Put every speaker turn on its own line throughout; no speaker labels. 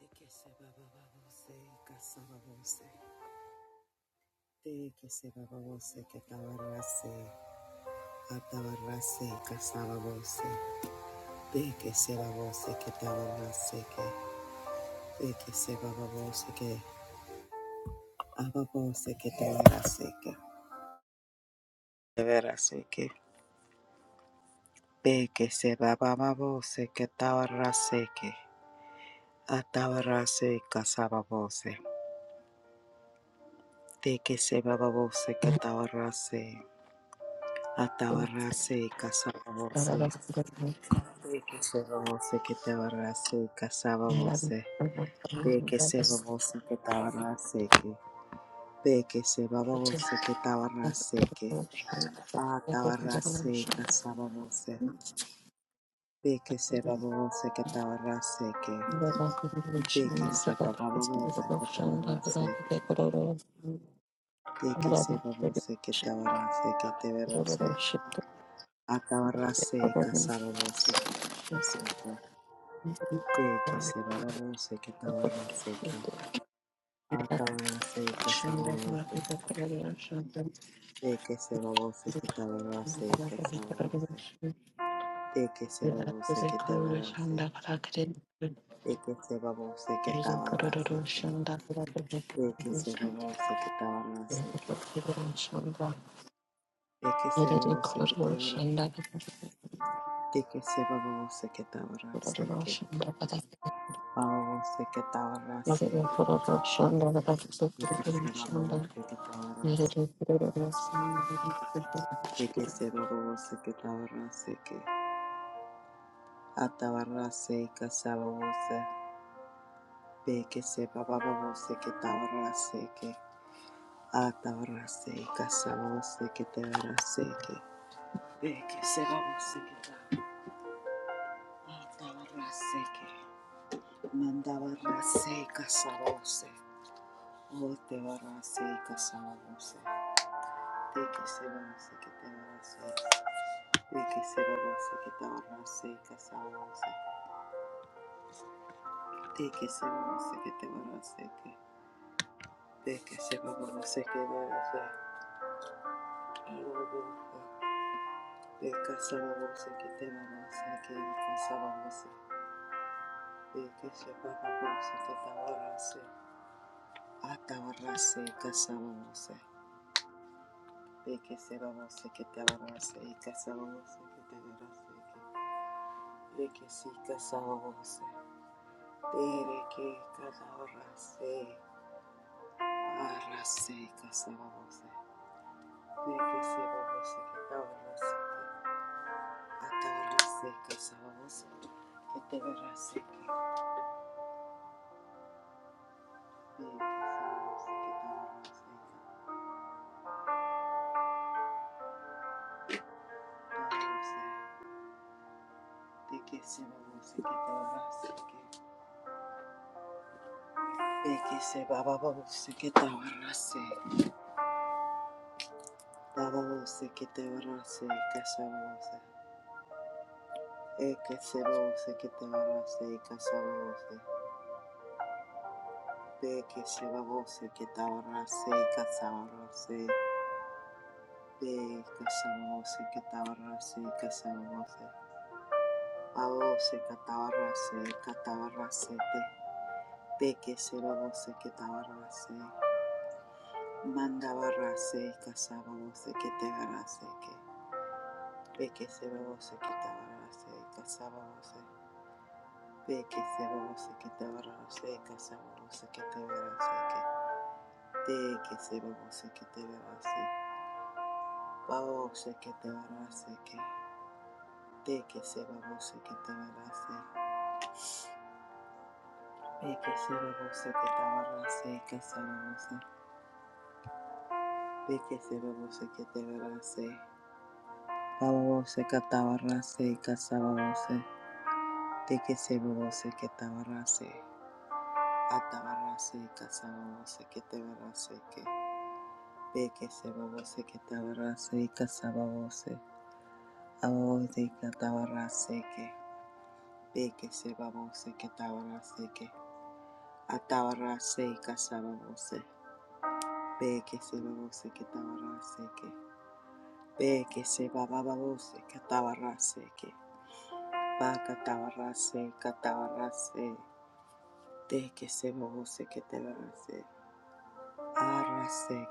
De que se bababose, casababose. De que se bababose, que tabarrase, atabarrase, casababose. De que se babose, que tabarrase, que. De que se bababose, que ababose, que tabarrase, que. De que. De que se bababose, que tabarrase, que. Atabarrase, casababose. De que se bababose, que tabarrase. Atabarrase, casababose. De que se babose que te abarrase, casaba voce. De que se babose que te abarrase, que. De que se babose que te abarrase, que. A te abarrase, casaba voce. De que se babose que te abarrase, que. De que se babose que te abarrase. De que se babose que te
Thank
abarrase, que te verase. A te abarrase, casaba voce que te abarrase, que. De que se babose que te abarrase, que. Atabarase kasabose, de que se babose que tabarase y kasabose, de que se babose que tabarase,
you.
de que se babose que
Iri
tabarase
kororo
que,
Shanda, kororo
de que
kororo
se
shanda.
babose que tabarase que, de que se
Iri
babose que
kororo
tabarase,
shanda kororo shanda kororo.
de que se babose que
Iri
tabarase
kororo
que,
shanda kororo kororo shanda. Iri kororo shanda. Iri kororo shanda kororo kororo
se
shanda.
babose que
Iri
tabarase,
kororo shanda
de que se babose que Be que se bababose que tabarase que atabarase y casabose que te verase que be que se babose que atabarase que mandabarase y casabose o te barase y casabose de que se babose que te verase de que se babose que tabarase y casabose de que se babose que te verase que de que se babose que verase te Thank you. babose Thank you. de que se lo se que tabarase, mandabarase, casaba que te barase, que de que se lo se que tabarase, casaba se, de que se lo se que tabarase, casaba se que te barase, que de que se lo se que te barase, bao se que te barase, que de que se lo se que te barase, de que se lo se que tabarase, casaba se, de que se lo se que te barase, Babose catabarrase y casababose, de que se babose que tabarrase, atabarrase y casababose que te barrase que, de que se babose que tabarrase y casababose, ababose y catabarrase que, de que se babose que tabarrase que, atabarrase y casababose, de que se babose que tabarrase que, de que se bababose que tabarrase que, va catabarrase y catabarrase. De que se mojose que te barase. Arrase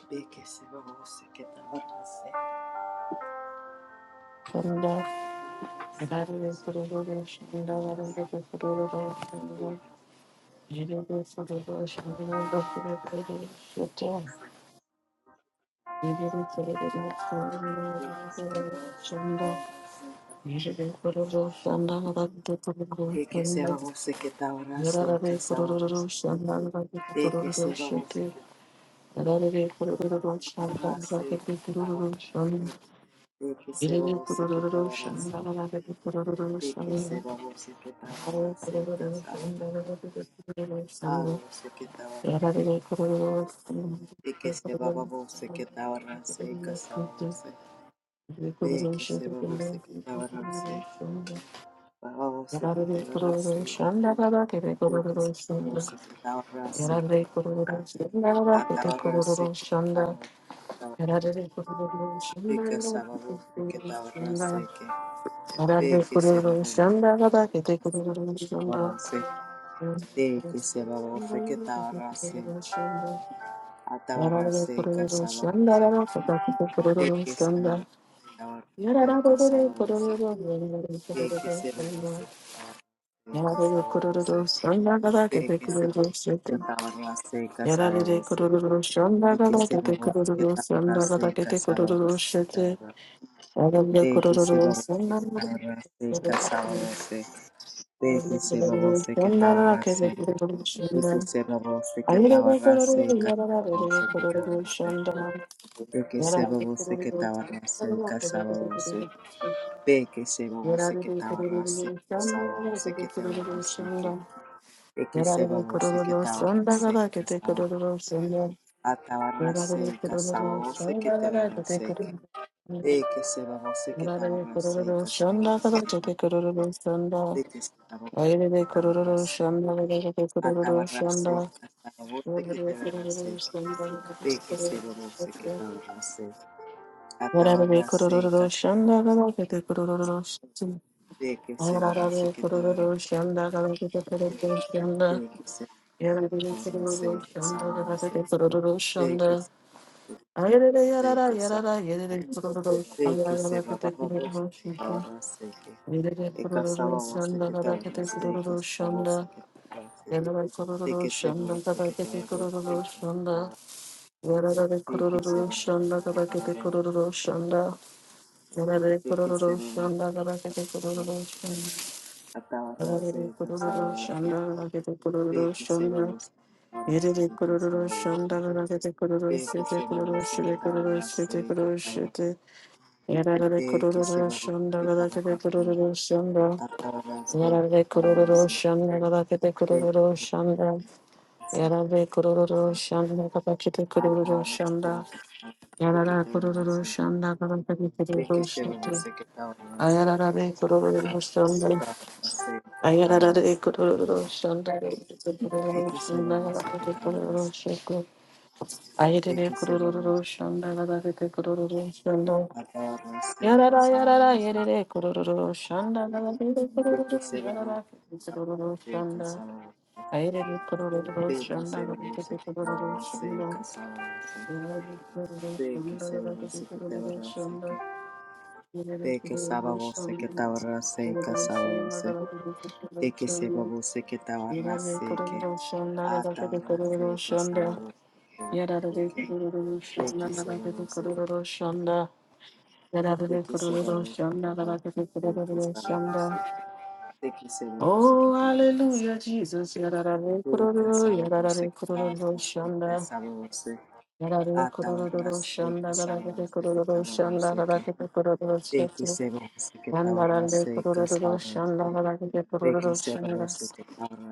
que. De que se mojose que te barase.
kororo kororo shanda. Iri
Arrase que se
kororo shanda kororo
mojose.
kororo
De que
shanda.
se
Yarare
De que se mojose que te barase. De que se mojose que te barase. De que se mojose que te barase. De que se mojose que te barase. Aro se que tabarra, de que se baba se que tabarra se casaba se, de que se baba se que tabarra se, baba
Shanda,
se que tabarra se, de que se baba se que tabarra se que, a tabarra se, sábado de que sábado se babose que tabarra se que, de que se baba se, de que se baba se que tabarra se, a tabarra se casaba se, de que se baba se que tabarra se casaba Sei que será você que estava
Yarare kororo
você.
shanda gada
Sei
kete
que será
kororo
você que
shete.
na seca, salva
Yarare
você.
kororo shanda
Sei
gada
que será
kete
você que
kororo
estava na
shanda gada
seca,
kete
salva
kororo
você que
shete.
estava na
Yarare
Sei que
kororo
será
shanda
você que estava
gada
na seca,
kete
salva você. Sei que será
kororo
você que
shanda
estava
gada
na
kete
seca.
kororo
Sei que
shanda.
será você que
Ayere
estava na
kororo
seca, salva
yarare
você que estava
kororo
na seca.
shanda.
Sei que será
Yarare
você que
kororo
estava na
shanda
seca,
gada kete
salva você.
kororo shete.
Sei que será você
Yarare
que estava
kororo
na seca,
shanda
salva
gada
você
kete
que estava na
kororo
seca.
shanda.
que se
Yararlı
babose que
kurulur sonuna
tabarase y
kadar kötü
casaba
kurulur sonuna.
atabarase
Yararlı
y
kurulur
casababose que
sonuna
te
kadar kötü
verase que
kurulur.
de que se babose que
Yararlı
tabarase y
kurulur sonuna
casababose
kadar
que ta-
kötü kurulur sonuna.
de que se babose
Ayrı
que
bir kurulur
tabarase
sonuna kadar kötü kurulur
atabarase y
sonuna.
casababose que
Yararlı
te verase
kurulur sonuna kadar kötü
que de que se
kurulur
babose que
sonuna.
tabarase
Yararlı bir
atabarase y
kurulur
cas
sonuna kadar kötü kurulur sonuna.
de que se
Yararlı
que te
kurulur
verase
sonuna kadar kötü kurulur sonuna.
de que se
Shanda,
tabarase y casababose de que se de que se de que se babose Ekasalavasi ketavarasi, ekasalavasi ketavarasi, ekeselavasi ketavarasi, ekasalavasi ketavarasi, ekeselavasi ketavarasi, ekasalavasi, ekeselavasi ketavarasi,
Yedede kororo
ekasalavasi,
shanda garagete kororo shete kororo
ekeselavasi
shete kororo
ketavarasi, ekasalavasi, ekeselavasi ketavarasi,
shete kororo
atavarasi,
shete. Yarare kororo
ekasalavasi, ekeselavasi, atavarasi,
shanda garagete kororo shanda. Yarare kororo shanda garagete kororo shanda. Yarare kororo shanda garagete kororo shanda.
ekasalavasi,
Yarare kororo
ketavarasi.
shanda garagete
Ricky
kororo
Seven
shete.
Sick Dollars,
Ayarare kororo shanda.
Dollars,
Ayarare
Dollars,
kororo shanda garagete kororo
Ricky
shanda
Seven Sick
garagete kororo
Dollars,
shete. Ayerere
Ricky Seven
kurururu shanda gadagete kurururu shanda.
Dollars, Dollars, Ricky Seven
Yarara yarara
Dollars,
yerere kurururu shanda gadagete
Ricky
kurururu
Seven Dollars,
yarara kurururu
Dollars, Ricky
shanda. Ayerere kurururu shanda gadagete kurururu shanda. Yarara kurururu shanda
Seven
gadagete kurururu
Dollars,
shanda. Yerere
Ricky
kurururu
Sábado Sick
shanda
Dollars, Dollars, Ricky
kurururu
Seven
shanda
Sick Dollars, Dollars,
gadagete kurururu
Ricky
shanda. Yarara kurururu shanda gadagete kurururu shanda.
Sábado
Yarare
Sick
kururu
de
shanda
que se
rabakete
babose que
kururu shanda.
de
Yarare
que se
kururu
babose
shanda rabakete
de que
kururu
se babose
shanda.
de que se babose que
Oh,
tabarras
hallelujah, Jesus. Yarare
de que se
kururu,
babose
yarare
que
kururu
tabarras de que
shanda.
se babose
Yarare kururu shanda rabakete kururu shanda rabakete kururu shanda. Yandarare kururu shanda rabakete kururu shanda.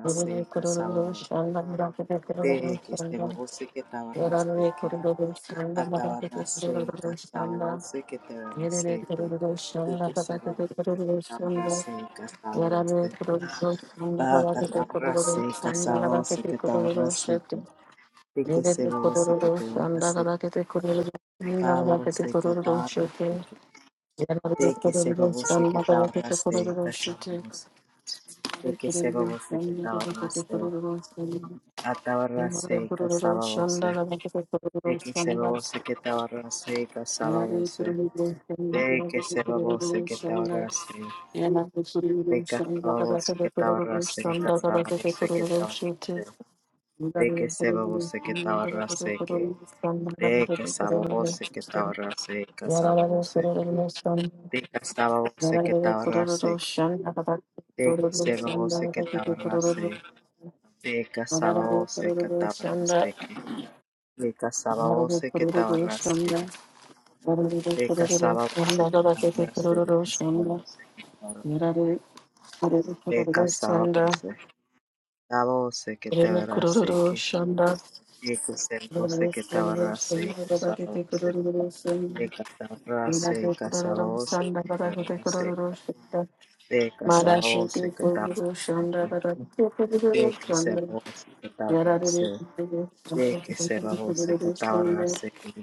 Yarare kururu shanda rabakete kururu shanda. Yarare kororo shanda nakakete kororo
Atabarraceita,
shanda.
sabose que te ven
Yarare
aceite,
kororo
de
shanda
tu cerro
nakakete kororo shanda.
atabarraceita,
Yarare
sabose,
kororo shanda
bata
nakakete kororo
tabarraceita,
shanda
sabose
nakakete
que te ven
kororo shete.
aceite, de que se
Yarare
babose que
kororo
te ven
shanda
aceite,
nakakete kororo shanda nakakete
babose que
kororo shete.
tabarraceita,
Yarare
de que se
kororo
babose que
shanda nakakete kororo
tabarraceita,
shete.
sabose, de
Yarare
que se
kororo
babose que
shanda nakakete
tabarraceita,
kororo shanda. Yarare
atabarraceita,
kororo
sabose,
shanda nakakete
de
kororo
que se
shanda.
babose que tabarraceita,
Yare
sabose,
kururu doshana,
De que
yare
se
kururu
babose que te
doshana,
ahorrase,
yana kururu
de que se
doshana, kada
babose
kada
que te
kururu
ahorrase,
doshana, kada kada kururu doshute.
de que
Yare
se
kururu
babose que te
doshana, kada kada
ahorrase,
kururu doshana, kada
de que
kada
se
kururu
babose que te
doshute.
ahorrase,
Yara yare kururu doshana,
que de que se babose
yara
que te
yare kururu
ahorrase,
doshana, kada
de que se babose, de que
kururu
se
doshana,
que te
kada
ahorrase, de que se
Yara yare kururu yara yare
babose que
kururu
te ahorrase, de que se
yara yare
que
kururu
te
doshana, kada
ahorrase, que de que se babose que te
kada
ahorrase, de que se babose que te ahorrase,
Yarare, yarare
de que se que te ahorrase, de que
kururu shanda,
Sabose que te
yarare
abrace,
kururu
que
shanda,
que sabose
yarare
que te
kururu
abrace, que
shanda, barakete
sabose
kururu
que
shanda,
te abrace,
yarare
que
kururu
sabose
shanda,
que te
barakete
abrace,
kururu shanda,
que
marashete
sabose que te
kururu
abrace,
shanda, barakete kururu
que que
shanda,
sabose que te
yarare
abrace,
kururu shanda, barakete kururu shanda, yarare kururu shanda,
que que
barakete kururu shanda, barakete kururu shanda, yarare
sabose que
kururu
te
shanda,
abrace, que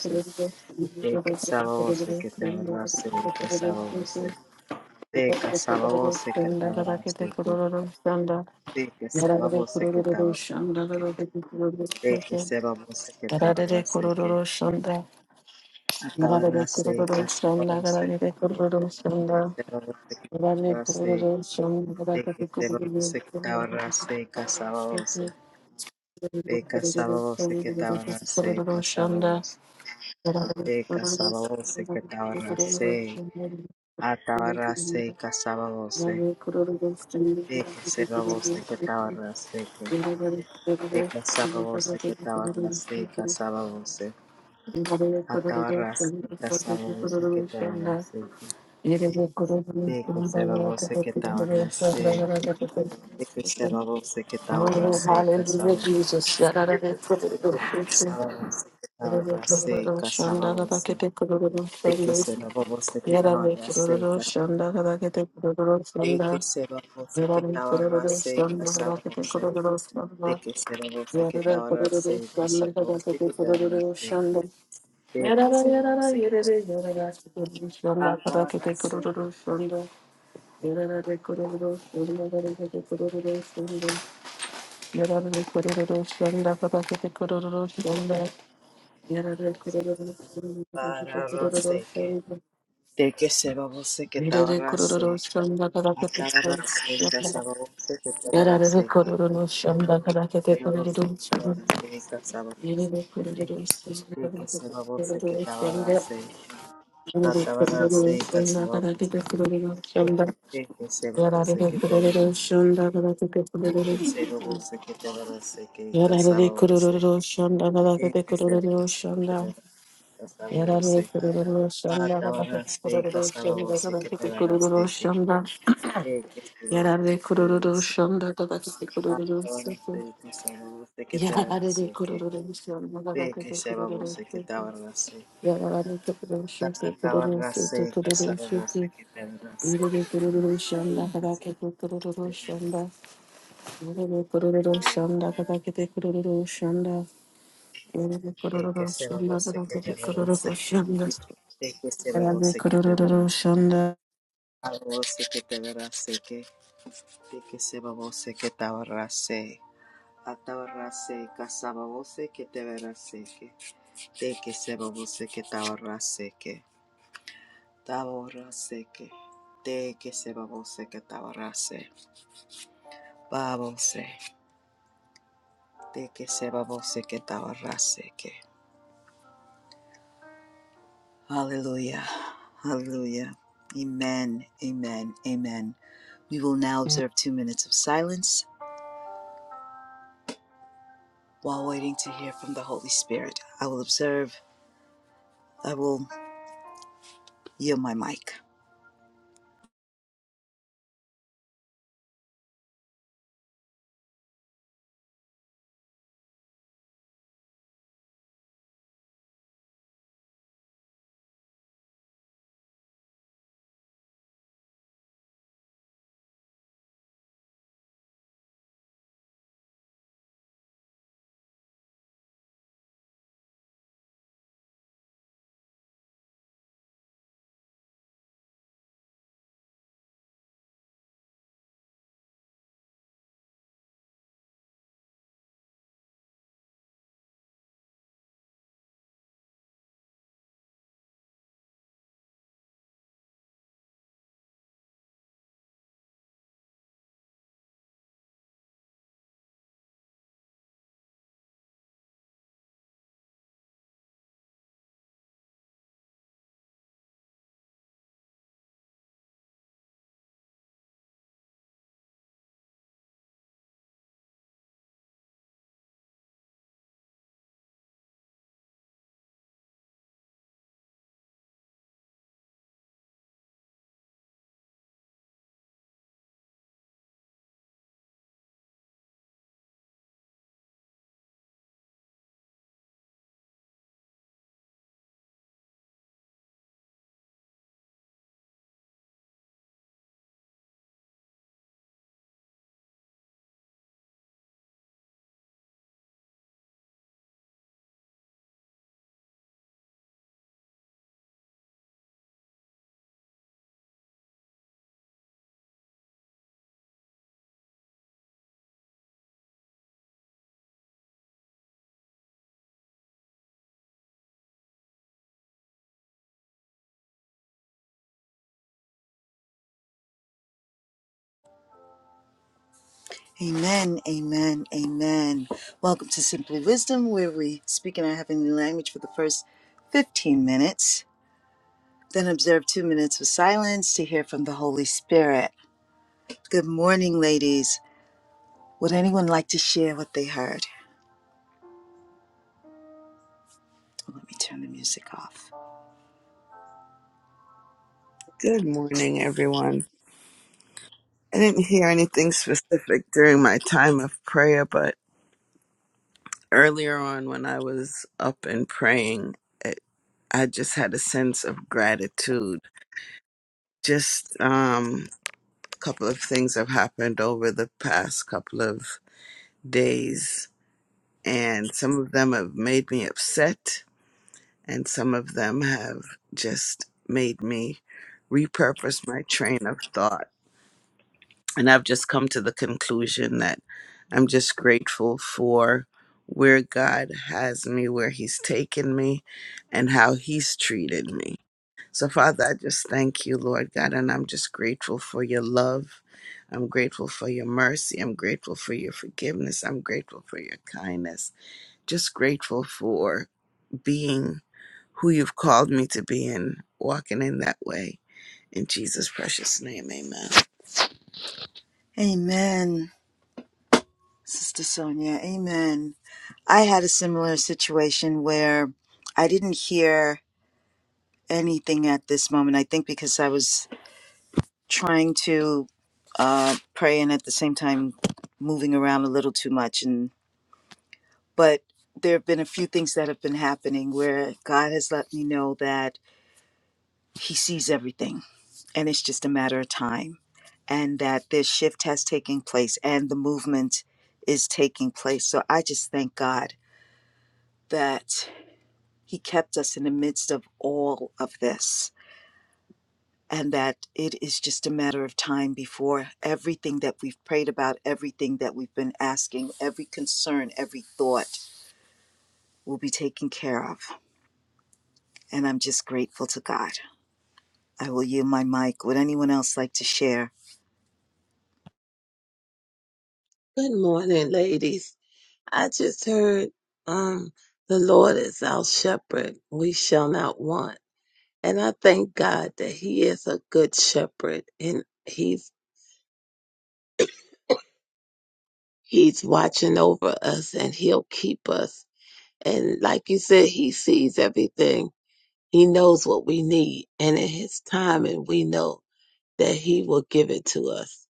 sabose que sabose que te abrace, que sabose que sabose que te abrace, que sabose que te abrace, que sabose que
barakete kururu shanda, Yarare kururu shanda yarare kururu shanda
te
yarare
abrace, que
kururu shanda yarare
Akarase
kururu shanda
kasarase
yarare kururu shanda
kekesebarose
yarare kururu shanda yarare
kakarase
kururu shanda yarare kururu shanda yarare kururu shanda
kekesebarose katabarase kasabarose bekasabarose katabarase kasabarose bekasabarose
yarare
katabarase atabarase kasabarose
kururu
bekesebarose
shanda
katabarase ke
Oh,
bekasabarose katabarase kasabarose atabarase kasabarose katabarase ke bekesebarose katabarase de que se va você que estaba rase y
hallelujah,
casaba você,
Jesus. Yarara
de que se va você que estaba rase y casaba você que te rase, de que se va você que estaba rase y casaba você,
Yarare kororo
para rase que, de que se va você que estaba rase, estaba rase y casaba você que te rase que.
shanda karakete
Thank you.
kororo shanda. Yarare
Ve que se va você que te abrace.
Yararlı kuruluşu, kuruluşu,
Takatarase, Casarabose,
kuruluşu,
Catarase,
yürüdü kuruluşunda kadar
Casarabose,
ki kuruluşunda, yürüdü kuruluşunda kadar ki kuruluşunda, yürüdü
Catarase,
kuruluşunda kadar ki
Casarabose, Catarase,
kuruluşunda,
take a
yararlı
serabose, Cataveras,
kuruluşunda.
Arabose, Catarase, Casarabose, Catarase, Atavarase, Casarabose, Catarase, Casarabose, Catarase, Tavarase, Te que se babose que tabarrase, babose, te que se babose que tabarrase, Hallelujah. Hallelujah. Amen. Amen. Amen. We will now observe two minutes of silence while waiting to hear from the Holy Spirit. I will observe, I will yield my mic. Amen, amen, amen. Welcome to Simply Wisdom, where we speak in our heavenly language for the first 15 minutes, then observe two minutes of silence to hear from the Holy Spirit. Good morning, ladies. Would anyone like to share what they heard? Let me turn the music off.
Good morning, everyone. I didn't hear anything specific during my time of prayer, but earlier on when I was up and praying, it, I just had a sense of gratitude. Just um, a couple of things have happened over the past couple of days, and some of them have made me upset, and some of them have just made me repurpose my train of thought And I've just come to the conclusion that I'm just grateful for where God has me, where He's taken me, and how He's treated me. So, Father, I just thank you, Lord God, and I'm just grateful for your love. I'm grateful for your mercy. I'm grateful for your forgiveness. I'm grateful for your kindness. Just grateful for being who you've called me to be and walking in that way. In Jesus' precious name, amen.
Amen, Sister Sonia. Amen. I had a similar situation where I didn't hear anything at this moment. I think because I was trying to uh, pray and at the same time moving around a little too much. And but there have been a few things that have been happening where God has let me know that He sees everything, and it's just a matter of time, and that this shift has taken place and the movement is taking place. So I just thank God that He kept us in the midst of all of this, and that it is just a matter of time before everything that we've prayed about, everything that we've been asking, every concern, every thought will be taken care of. And I'm just grateful to God. I will yield my mic. Would anyone else like to share?
Good morning, ladies. I just heard um the Lord is our shepherd, we shall not want. And I thank God that he is a good shepherd and he's he's watching over us and he'll keep us. And like you said, he sees everything. He knows what we need and in his timing we know that he will give it to us.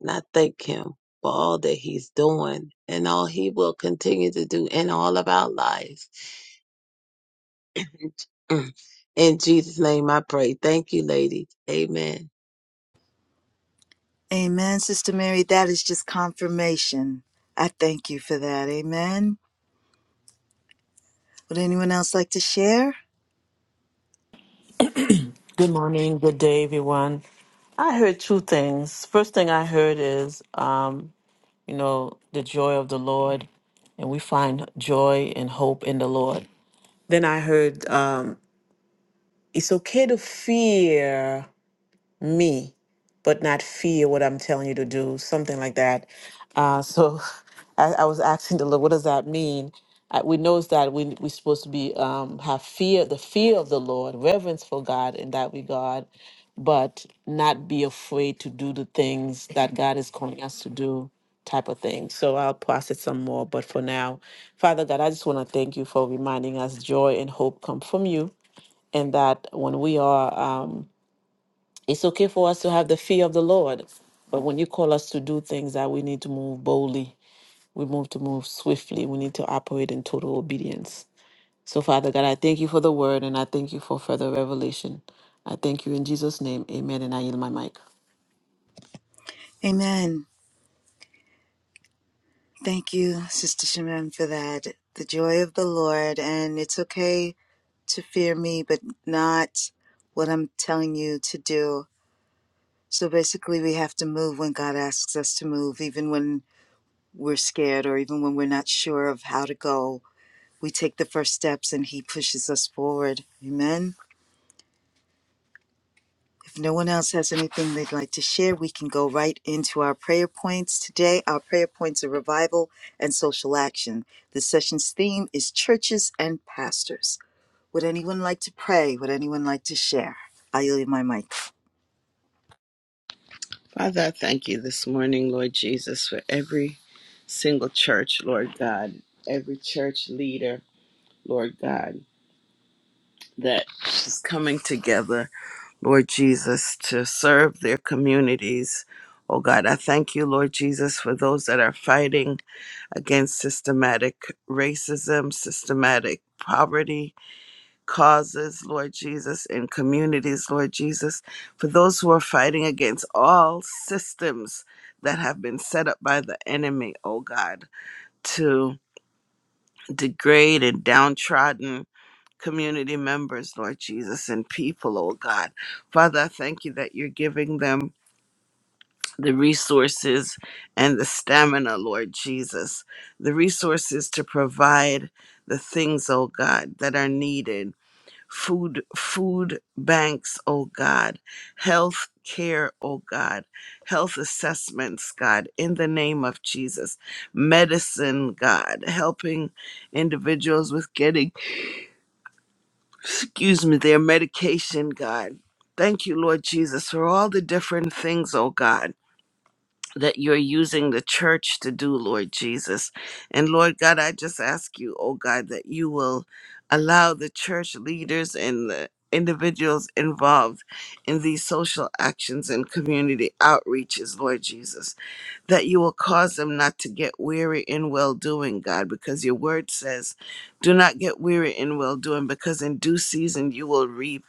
And I thank him for all that he's doing and all he will continue to do in all of our lives. In Jesus' name I pray. Thank you, ladies. Amen.
Amen, Sister Mary. That is just confirmation. I thank you for that. Amen. Would anyone else like to share?
Good morning, good day, everyone. I heard two things. First thing I heard is, um, you know, the joy of the Lord, and we find joy and hope in the Lord. Then I heard um, it's okay to fear me, but not fear what I'm telling you to do, something like that. Uh, so I, I was asking the Lord, what does that mean? Uh, we know that we, we're supposed to be um, have fear, the fear of the Lord, reverence for God in that regard, but not be afraid to do the things that God is calling us to do type of thing. So I'll process some more. But for now, Father God, I just want to thank you for reminding us joy and hope come from you and that when we are, um, it's okay for us to have the fear of the Lord. But when you call us to do things that we need to move boldly, we move to move swiftly, we need to operate in total obedience. So, Father God, I thank you for the word and I thank you for further revelation. I thank you in Jesus' name. Amen. And I yield my mic.
Amen. Thank you, Sister Shimon, for that. The joy of the Lord, and it's okay to fear me, but not what I'm telling you to do. So basically, we have to move when God asks us to move, even when we're scared or even when we're not sure of how to go. We take the first steps and He pushes us forward. Amen. If no one else has anything they'd like to share, we can go right into our prayer points. Today, our prayer points are revival and social action. This session's theme is churches and pastors. Would anyone like to pray? Would anyone like to share? I yield my mic.
Father, I thank you this morning, Lord Jesus, for every single church, Lord God, every church leader, Lord God, that is coming together, Lord Jesus, to serve their communities. Oh God, I thank you, Lord Jesus, for those that are fighting against systematic racism, systematic poverty, causes, Lord Jesus, in communities, Lord Jesus, for those who are fighting against all systems that have been set up by the enemy, oh God, to degrade and downtrodden community members, Lord Jesus, and people, oh God. Father, I thank you that you're giving them the resources and the stamina, Lord Jesus, the resources to provide the things, oh God, that are needed food food banks oh god health care oh god health assessments god in the name of jesus medicine god helping individuals with getting excuse me their medication god thank you lord jesus for all the different things oh god that you're using the church to do, Lord Jesus. And Lord God, I just ask you, oh God, that you will allow the church leaders and the individuals involved in these social actions and community outreaches, Lord Jesus that you will cause them not to get weary in well doing, God, because your word says, do not get weary in well doing, because in due season you will reap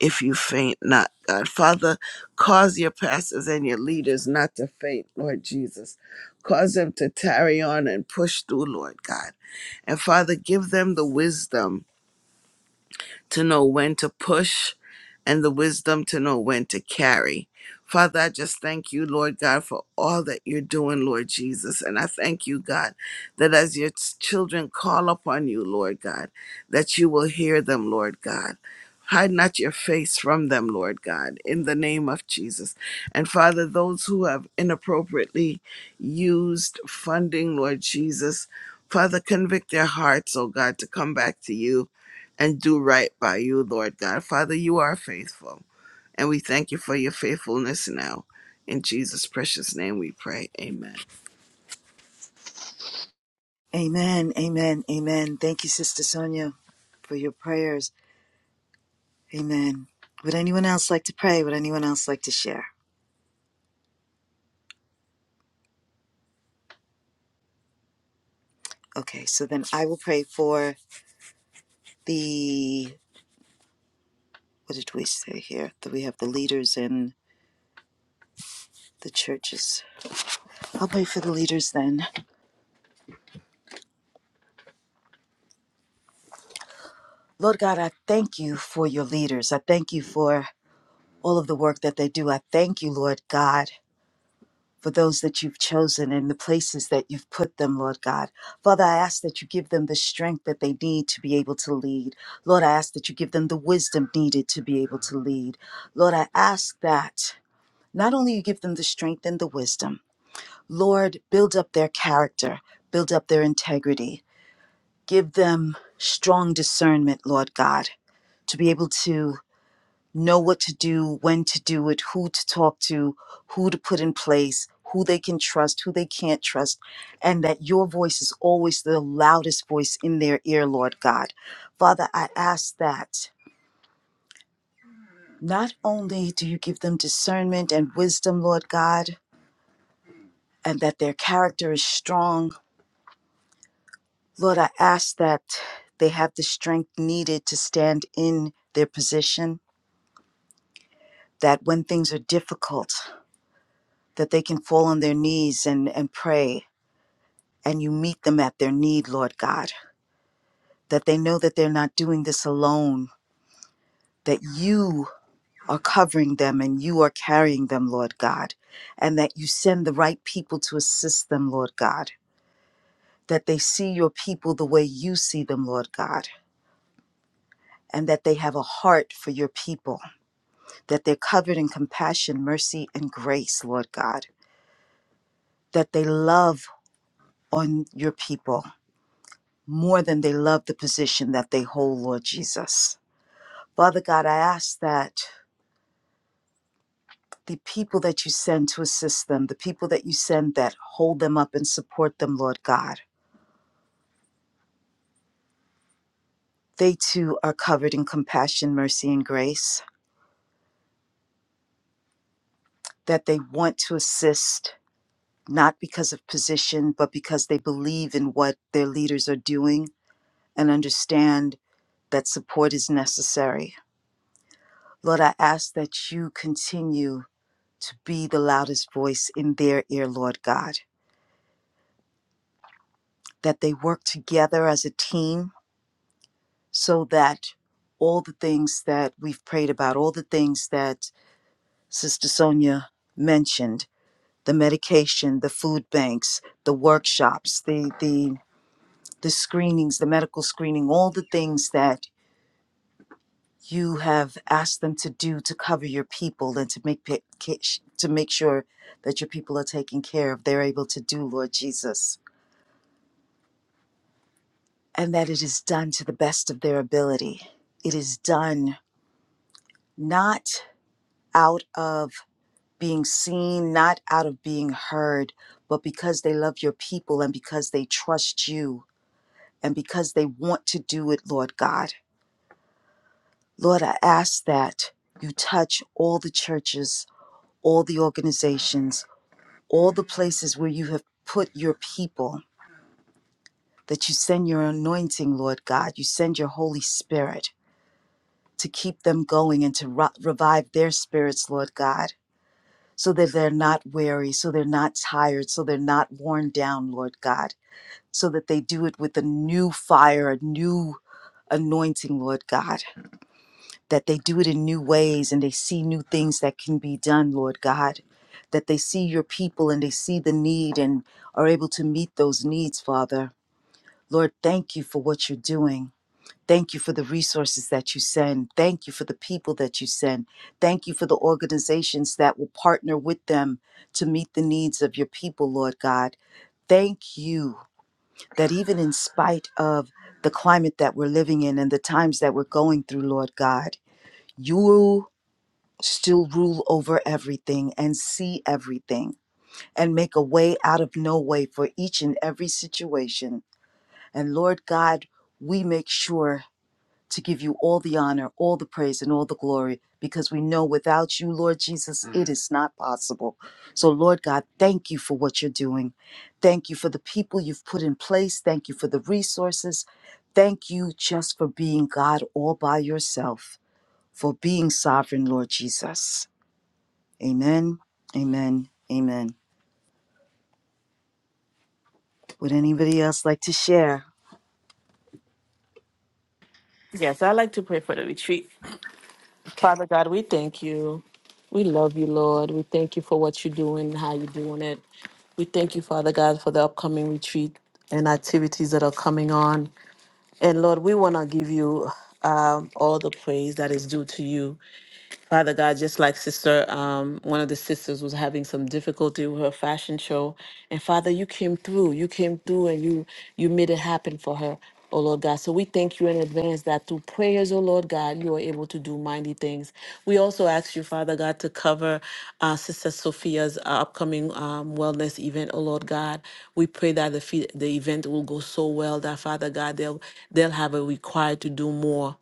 if you faint not, God. Father, cause your pastors and your leaders not to faint, Lord Jesus. Cause them to tarry on and push through, Lord God. And Father, give them the wisdom to know when to push and the wisdom to know when to carry. Father, I just thank you, Lord God, for all that you're doing, Lord Jesus. And I thank you, God, that as your children call upon you, Lord God, that you will hear them, Lord God. Hide not your face from them, Lord God, in the name of Jesus. And Father, those who have inappropriately used funding, Lord Jesus, Father, convict their hearts, oh God, to come back to you and do right by you, Lord God. Father, you are faithful, and we thank you for your faithfulness now. In Jesus' precious name we pray. Amen.
Amen, amen, amen. Thank you, Sister Sonia, for your prayers. Amen. Would anyone else like to pray? Would anyone else like to share? Okay, so then I will pray for the, what did we say here? That we have the leaders in the churches. I'll pray for the leaders then. Lord God, I thank you for your leaders. I thank you for all of the work that they do. I thank you, Lord God, for those that you've chosen and the places that you've put them, Lord God. Father, I ask that you give them the strength that they need to be able to lead. Lord, I ask that you give them the wisdom needed to be able to lead. Lord, I ask that not only you give them the strength and the wisdom, Lord, build up their character, build up their integrity, give them strong discernment, Lord God to be able to know what to do, when to do it, who to talk to, who to put in place, who they can trust, who they can't trust, and that your voice is always the loudest voice in their ear, Lord God. Father, I ask that not only do you give them discernment and wisdom, Lord God, and that their character is strong, Lord, I ask that they have the strength needed to stand in their position, that when things are difficult, that they can fall on their knees and, and pray, and you meet them at their need, Lord God, that they know that they're not doing this alone, that you are covering them and you are carrying them, Lord God, and that you send the right people to assist them, Lord God, that they see your people the way you see them, Lord God. And that they have a heart for your people, that they're covered in compassion, mercy, and grace, Lord God, that they love on your people, more than they love the position that they hold, Lord Jesus. Father God, I ask that the people that you send to assist them, the people that you send that hold them up and support them, Lord God, they too are covered in compassion, mercy, and grace, that they want to assist. Not because of position, but because they believe in what their leaders are doing and understand that support is necessary. Lord, I ask that you continue to be the loudest voice in their ear, Lord God. That they work together as a team so that all the things that we've prayed about, all the things that Sister Sonia mentioned, the medication, the food banks, the workshops, the the the screenings, the medical screening, all the things that you have asked them to do to cover your people and to make pa- ca- to make sure that your people are taken care of. They're able to do, Lord Jesus and that it is done to the best of their ability. It is done not out of being seen, not out of being heard, but because they love your people and because they trust you and because they want to do it, Lord God. Lord, I ask that you touch all the churches, all the organizations, all the places where you have put your people, that you send your anointing, Lord God. You send your Holy Spirit to keep them going and to ro- revive their spirits, Lord God, so that they're not weary, so they're not tired, so they're not worn down, Lord God, so that they do it with a new fire, a new anointing, Lord God, that they do it in new ways and they see new things that can be done, Lord God. That they see your people and they see the need and are able to meet those needs, Father. Lord, thank you for what you're doing. Thank you for the resources that you send. Thank you for the people that you send. Thank you for the organizations that will partner with them to meet the needs of your people, Lord God. Thank you that even in spite of the climate that we're living in and the times that we're going through, Lord God, you still rule over everything and see everything and make a way out of no way for each and every situation. And Lord God, we make sure to give you all the honor, all the praise, and all the glory, because we know without you, Lord Jesus, Mm. it is not possible. So, Lord God, thank you for what you're doing. Thank you for the people you've put in place. Thank you for the resources. Thank you just for being God all by yourself, for being sovereign, Lord Jesus. Amen. Amen. Amen. Would anybody else like to share?
Yes, I like to pray for the retreat.
Okay.
Father God, we thank you. We love you, Lord. We thank you for what you're doing and how you're doing it. We thank you, Father God, for the upcoming retreat and activities that are coming on. And Lord, we want to give you um, all the praise that is due to you. Father God, just like Sister, um, one of the sisters was having some difficulty with her fashion show, and Father, you came through. You came through, and you you made it happen for her. Oh Lord God, so we thank you in advance that through prayers, oh Lord God, you are able to do mighty things. We also ask you, Father God, to cover uh, Sister Sophia's uh, upcoming um, wellness event, oh Lord God. We pray that the fe- the event will go so well that Father God, they'll they'll have a required to do more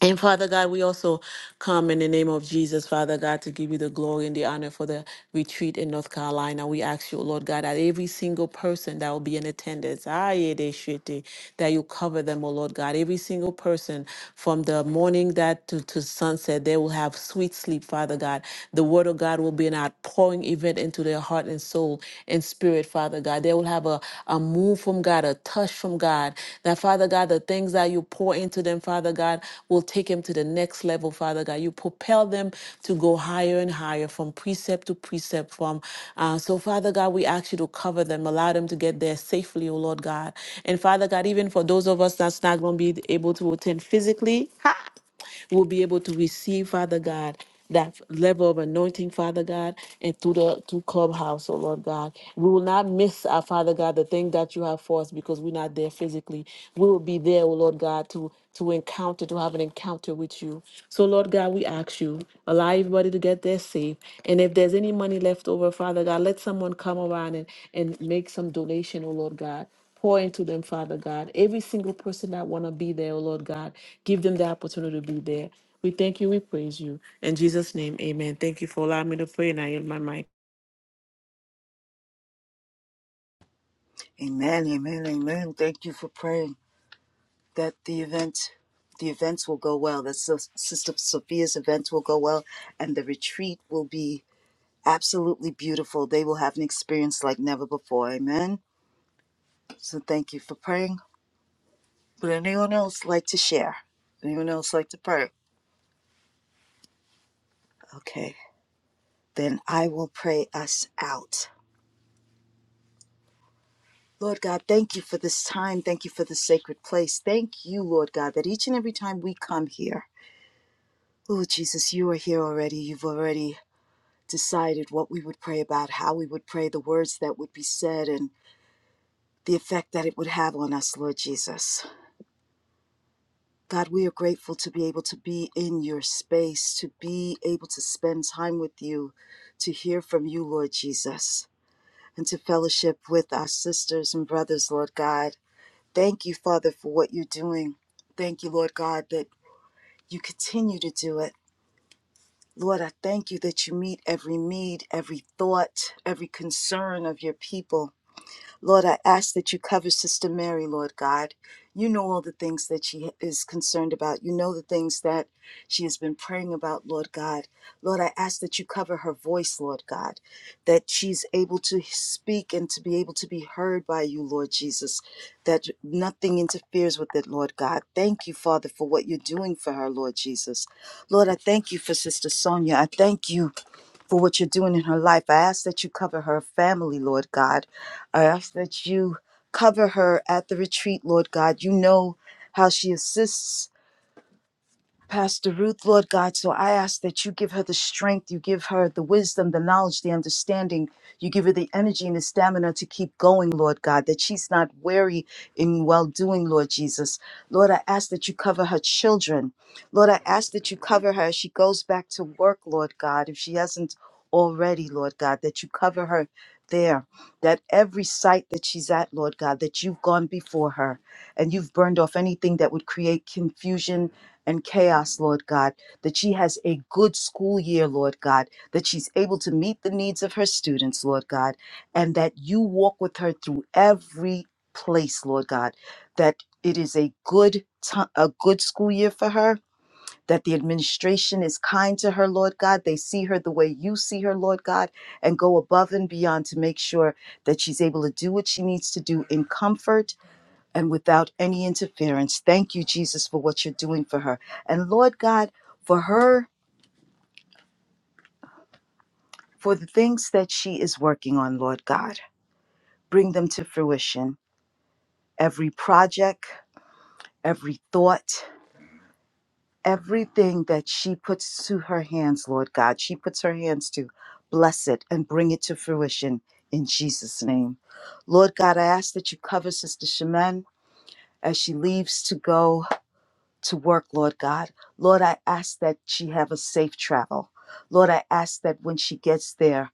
and Father God, we also come in the name of Jesus, Father God, to give you the glory and the honor for the retreat in North Carolina. We ask you, Lord God, that every single person that will be in attendance, aye, they should be, that you cover them, oh Lord God. Every single person from the morning that to, to sunset, they will have sweet sleep, Father God. The word of God will be an outpouring event into their heart and soul in spirit, Father God. They will have a, a move from God, a touch from God. That, Father God, the things that you pour into them, Father God, will take them to the next level, Father God. You propel them to go higher and higher from precept to precept. From uh, so, Father God, we ask you to cover them, allow them to get there safely, oh Lord God. And Father God, even for those of us that's not going to be able to attend physically, we will be able to receive, Father God, that level of anointing, Father God, and through the through clubhouse, oh Lord God. We will not miss our Father God, the thing that you have for us because we're not there physically. We will be there, oh Lord God, to to encounter, to have an encounter with you. So Lord God, we ask you, allow everybody to get there safe. And if there's any money left over, Father God, let someone come around and, and make some donation, oh Lord God Pour into them, Father God. Every single person that want to be there, oh Lord God, give them the opportunity to be there. We thank you. We praise you. In Jesus' name, amen. Thank you for allowing me to pray, and I yield my mic.
Amen. Amen. Amen. Thank you for praying. that the event the events will go well that Sis- sister sophia's event will go well and the retreat will be absolutely beautiful they will have an experience like never before amen so thank you for praying would anyone else like to share anyone else like to pray okay then i will pray us out Lord God, thank you for this time. Thank you for this sacred place. Thank you, Lord God, that each and every time we come here, Lord Jesus, you are here already. You've already decided what we would pray about, how we would pray, the words that would be said, and the effect that it would have on us, Lord Jesus. God, we are grateful to be able to be in your space, to be able to spend time with you, to hear from you, Lord Jesus, and to fellowship with our sisters and brothers, Lord God. Thank you, Father, for what you're doing. Thank you, Lord God, that you continue to do it. Lord, I thank you that you meet every need, every thought, every concern of your people. Lord, I ask that you cover Sister Mary, Lord God. You know all the things that she is concerned about. You know the things that she has been praying about, Lord God. Lord, I ask that you cover her voice, Lord God, that she's able to speak and to be able to be heard by you, Lord Jesus, that nothing interferes with it, Lord God. Thank you, Father, for what you're doing for her, Lord Jesus. Lord, I thank you for Sister Sonia. I thank you for what you're doing in her life. I ask that you cover her family, Lord God. I ask that you cover her at the retreat, Lord God. You know how she assists. Pastor Ruth, Lord God. So I ask that you give her the strength, you give her the wisdom, the knowledge, the understanding, you give her the energy and the stamina to keep going, Lord God, that she's not weary in well doing, Lord Jesus. Lord, I ask that you cover her children. Lord, I ask that you cover her as she goes back to work, Lord God, if she hasn't already, Lord God, that you cover her there, that every site that she's at, Lord God, that you've gone before her and you've burned off anything that would create confusion and chaos, Lord God, that she has a good school year, Lord God, that she's able to meet the needs of her students, Lord God, and that you walk with her through every place, Lord God, that it is a good ti- a good school year for her, that the administration is kind to her, Lord God. They see her the way you see her, Lord God, and go above and beyond to make sure that she's able to do what she needs to do in comfort and without any interference. Thank you, Jesus, for what you're doing for her. And Lord God, for her, for the things that she is working on, Lord God, bring them to fruition. Every project, every thought, everything that she puts to her hands, Lord God, she puts her hands to, bless it and bring it to fruition in Jesus' name. Lord God, I ask that you cover Sister Shemin as she leaves to go to work, Lord God. Lord, I ask that she have a safe travel. Lord, I ask that when she gets there,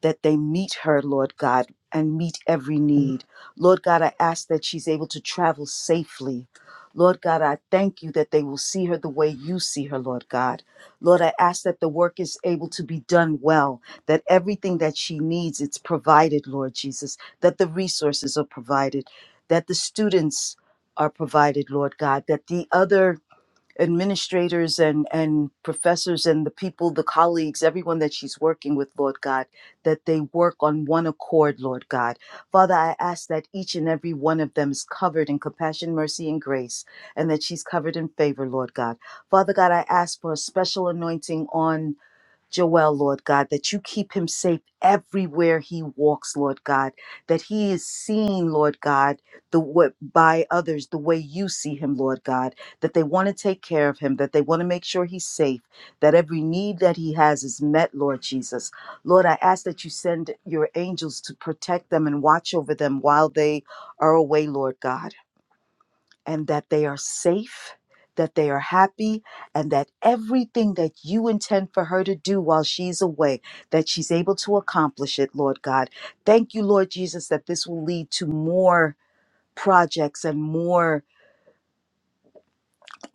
that they meet her, Lord God, and meet every need. Lord God, I ask that she's able to travel safely. Lord God, I thank you that they will see her the way you see her, Lord God. Lord, I ask that the work is able to be done well, that everything that she needs, it's provided, Lord Jesus, that the resources are provided, that the students are provided, Lord God, that the other administrators and and professors and the people the colleagues everyone that she's working with lord god that they work on one accord lord god father i ask that each and every one of them is covered in compassion mercy and grace and that she's covered in favor lord god father god i ask for a special anointing on Joel, Lord God, that you keep him safe everywhere he walks, Lord God, that he is seen, Lord God, the what by others the way you see him, Lord God, that they want to take care of him, that they want to make sure he's safe, that every need that he has is met, Lord Jesus. Lord, I ask that you send your angels to protect them and watch over them while they are away, Lord God and that they are safe, that they are happy, and that everything that you intend for her to do while she's away, that she's able to accomplish it, Lord God. Thank you, Lord Jesus, that this will lead to more projects and more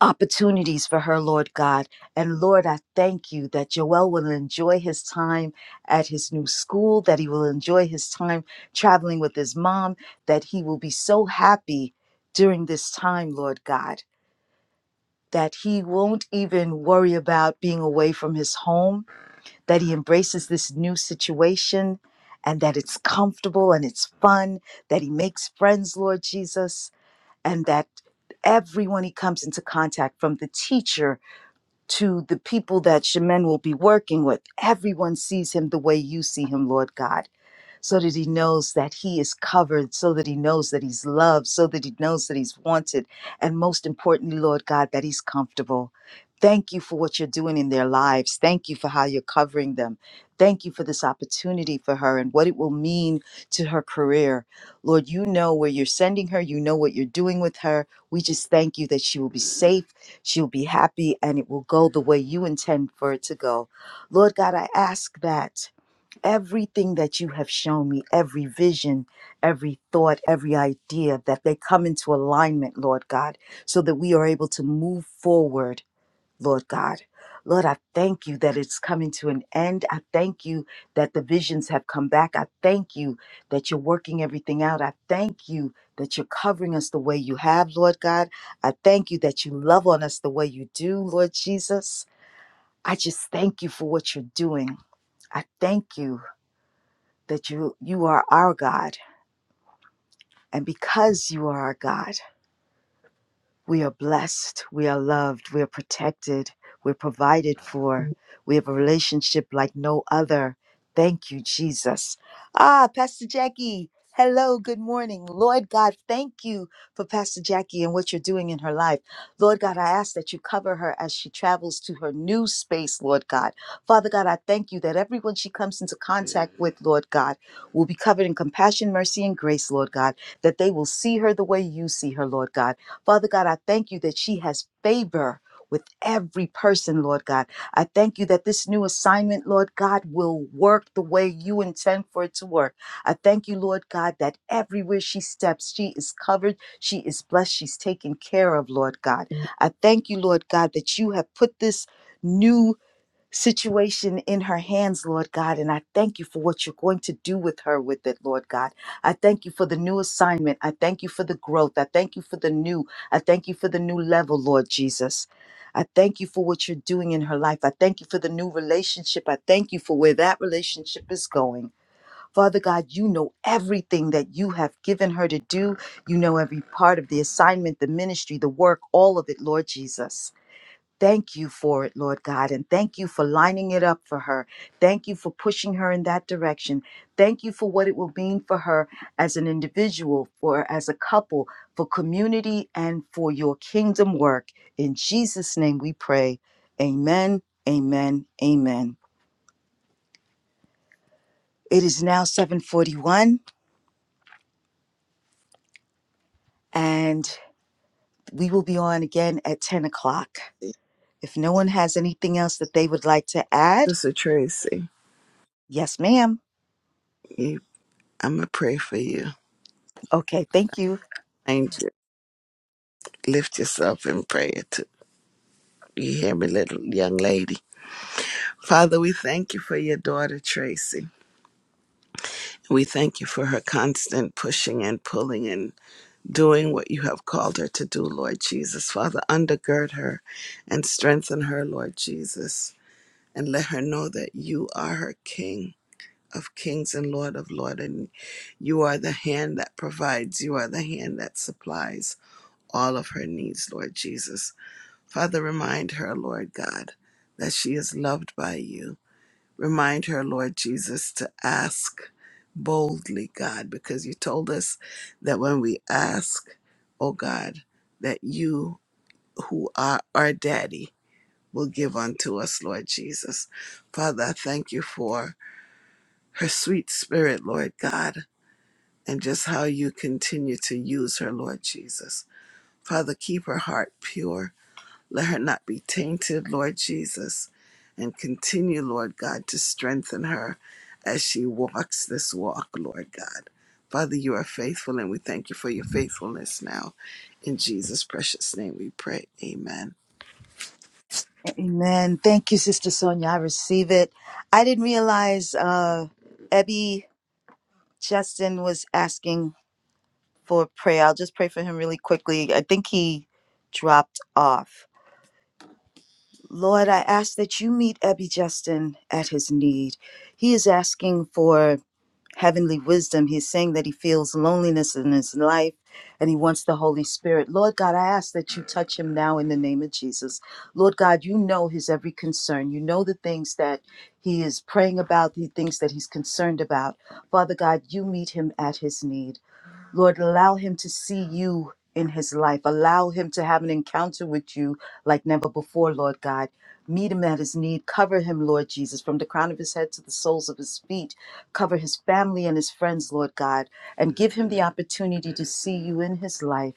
opportunities for her, Lord God. And Lord, I thank you that Joel will enjoy his time at his new school, that he will enjoy his time traveling with his mom, that he will be so happy during this time, Lord God that he won't even worry about being away from his home, that he embraces this new situation and that it's comfortable and it's fun, that he makes friends, Lord Jesus, and that everyone he comes into contact from the teacher to the people that Shemen will be working with, everyone sees him the way you see him, Lord God so that he knows that he is covered, so that he knows that he's loved, so that he knows that he's wanted, and most importantly, Lord God, that he's comfortable. Thank you for what you're doing in their lives. Thank you for how you're covering them. Thank you for this opportunity for her and what it will mean to her career. Lord, you know where you're sending her. You know what you're doing with her. We just thank you that she will be safe, she'll be happy, and it will go the way you intend for it to go. Lord God, I ask that everything that you have shown me, every vision, every thought, every idea, that they come into alignment, Lord God, so that we are able to move forward, Lord God. Lord, I thank you that it's coming to an end. I thank you that the visions have come back. I thank you that you're working everything out. I thank you that you're covering us the way you have, Lord God. I thank you that you love on us the way you do, Lord Jesus. I just thank you for what you're doing. I thank you that you you are our God. And because you are our God, we are blessed. We are loved. We are protected. We're provided for. We have a relationship like no other. Thank you, Jesus. Ah, Pastor Jackie. Hello, good morning. Lord God, thank you for Pastor Jackie and what you're doing in her life. Lord God, I ask that you cover her as she travels to her new space, Lord God. Father God, I thank you that everyone she comes into contact with, Lord God, will be covered in compassion, mercy, and grace, Lord God, that they will see her the way you see her, Lord God Father God, I thank you that she has favor with every person, Lord God. I thank you that this new assignment, Lord God, will work the way you intend for it to work. I thank you, Lord God, that everywhere she steps, she is covered, she is blessed, she's taken care of, Lord God. I thank you, Lord God, that you have put this new situation in her hands, Lord God. And I thank you for what you're going to do with her with it, Lord God. I thank you for the new assignment. I thank you for the growth. I thank you for the new. I thank you for the new level, Lord Jesus. I thank you for what you're doing in her life. I thank you for the new relationship. I thank you for where that relationship is going. Father God, you know everything that you have given her to do. You know every part of the assignment, the ministry, the work, all of it, Lord Jesus. Thank you for it, Lord God, and thank you for lining it up for her. Thank you for pushing her in that direction. Thank you for what it will mean for her as an individual, for as a couple, for community, and for your kingdom work. In Jesus' name we pray. Amen. Amen. Amen. It is now 741 and we will be on again at 10 o'clock. If no one has anything else that they would like to add,
Sister Tracy,
yes, ma'am.
you, I'm going to pray for you.
Okay, thank you.
Angel, lift yourself in prayer. To, you hear me, little young lady? Father, we thank you for your daughter, Tracy. We thank you for her constant pushing and pulling and doing what you have called her to do, Lord Jesus. Father, undergird her and strengthen her, Lord Jesus. and let her know that you are her King of kings and Lord of lords, and you are the hand that provides, you are the hand that supplies all of her needs, Lord Jesus. Father, remind her, Lord God, that she is loved by you. Remind her, Lord Jesus, to ask boldly, God, because you told us that when we ask, oh God, that you who are our daddy will give unto us, Lord Jesus. Father, I thank you for her sweet spirit, Lord God, and just how you continue to use her, Lord Jesus. Father, keep her heart pure. Let her not be tainted, Lord Jesus, and continue, Lord God, to strengthen her as she walks this walk, Lord God. Father, you are faithful, and we thank you for your faithfulness now. In Jesus' precious name we pray. Amen.
Amen. Thank you, Sister Sonia. I receive it. I didn't realize uh Ebby Justin was asking for prayer. I'll just pray for him really quickly. I think he dropped off. Lord, I ask that you meet Ebby Justin at his need. He is asking for heavenly wisdom. He's saying that he feels loneliness in his life and he wants the Holy Spirit. Lord God, I ask that you touch him now in the name of Jesus. Lord God, you know his every concern. You know the things that he is praying about, the things that he's concerned about. Father God, you meet him at his need. Lord, allow him to see you in his life. Allow him to have an encounter with you like never before, Lord God. Meet him at his need. Cover him, Lord Jesus, from the crown of his head to the soles of his feet. Cover his family and his friends, Lord God, and give him the opportunity to see you in his life.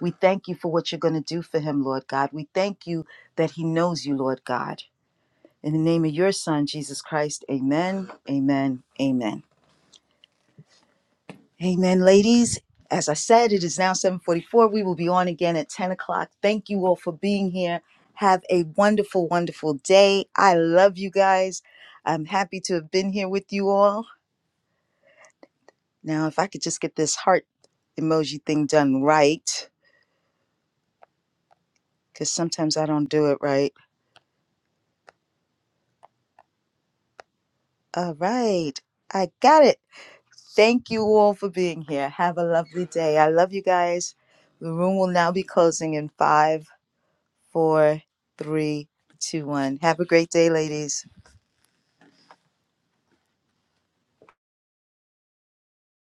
We thank you for what you're going to do for him, Lord God. We thank you that he knows you, Lord God. In the name of your son, Jesus Christ, amen, amen, amen. Amen, ladies. As I said, it is now 7:44. We will be on again at 10 o'clock. Thank you all for being here. Have a wonderful, wonderful day. I love you guys. I'm happy to have been here with you all. Now, if I could just get this heart emoji thing done right, because sometimes I don't do it right. All right, I got it. Thank you all for being here. Have a lovely day. I love you guys. The room will now be closing in five. four, three, two, one. Have a great day, ladies.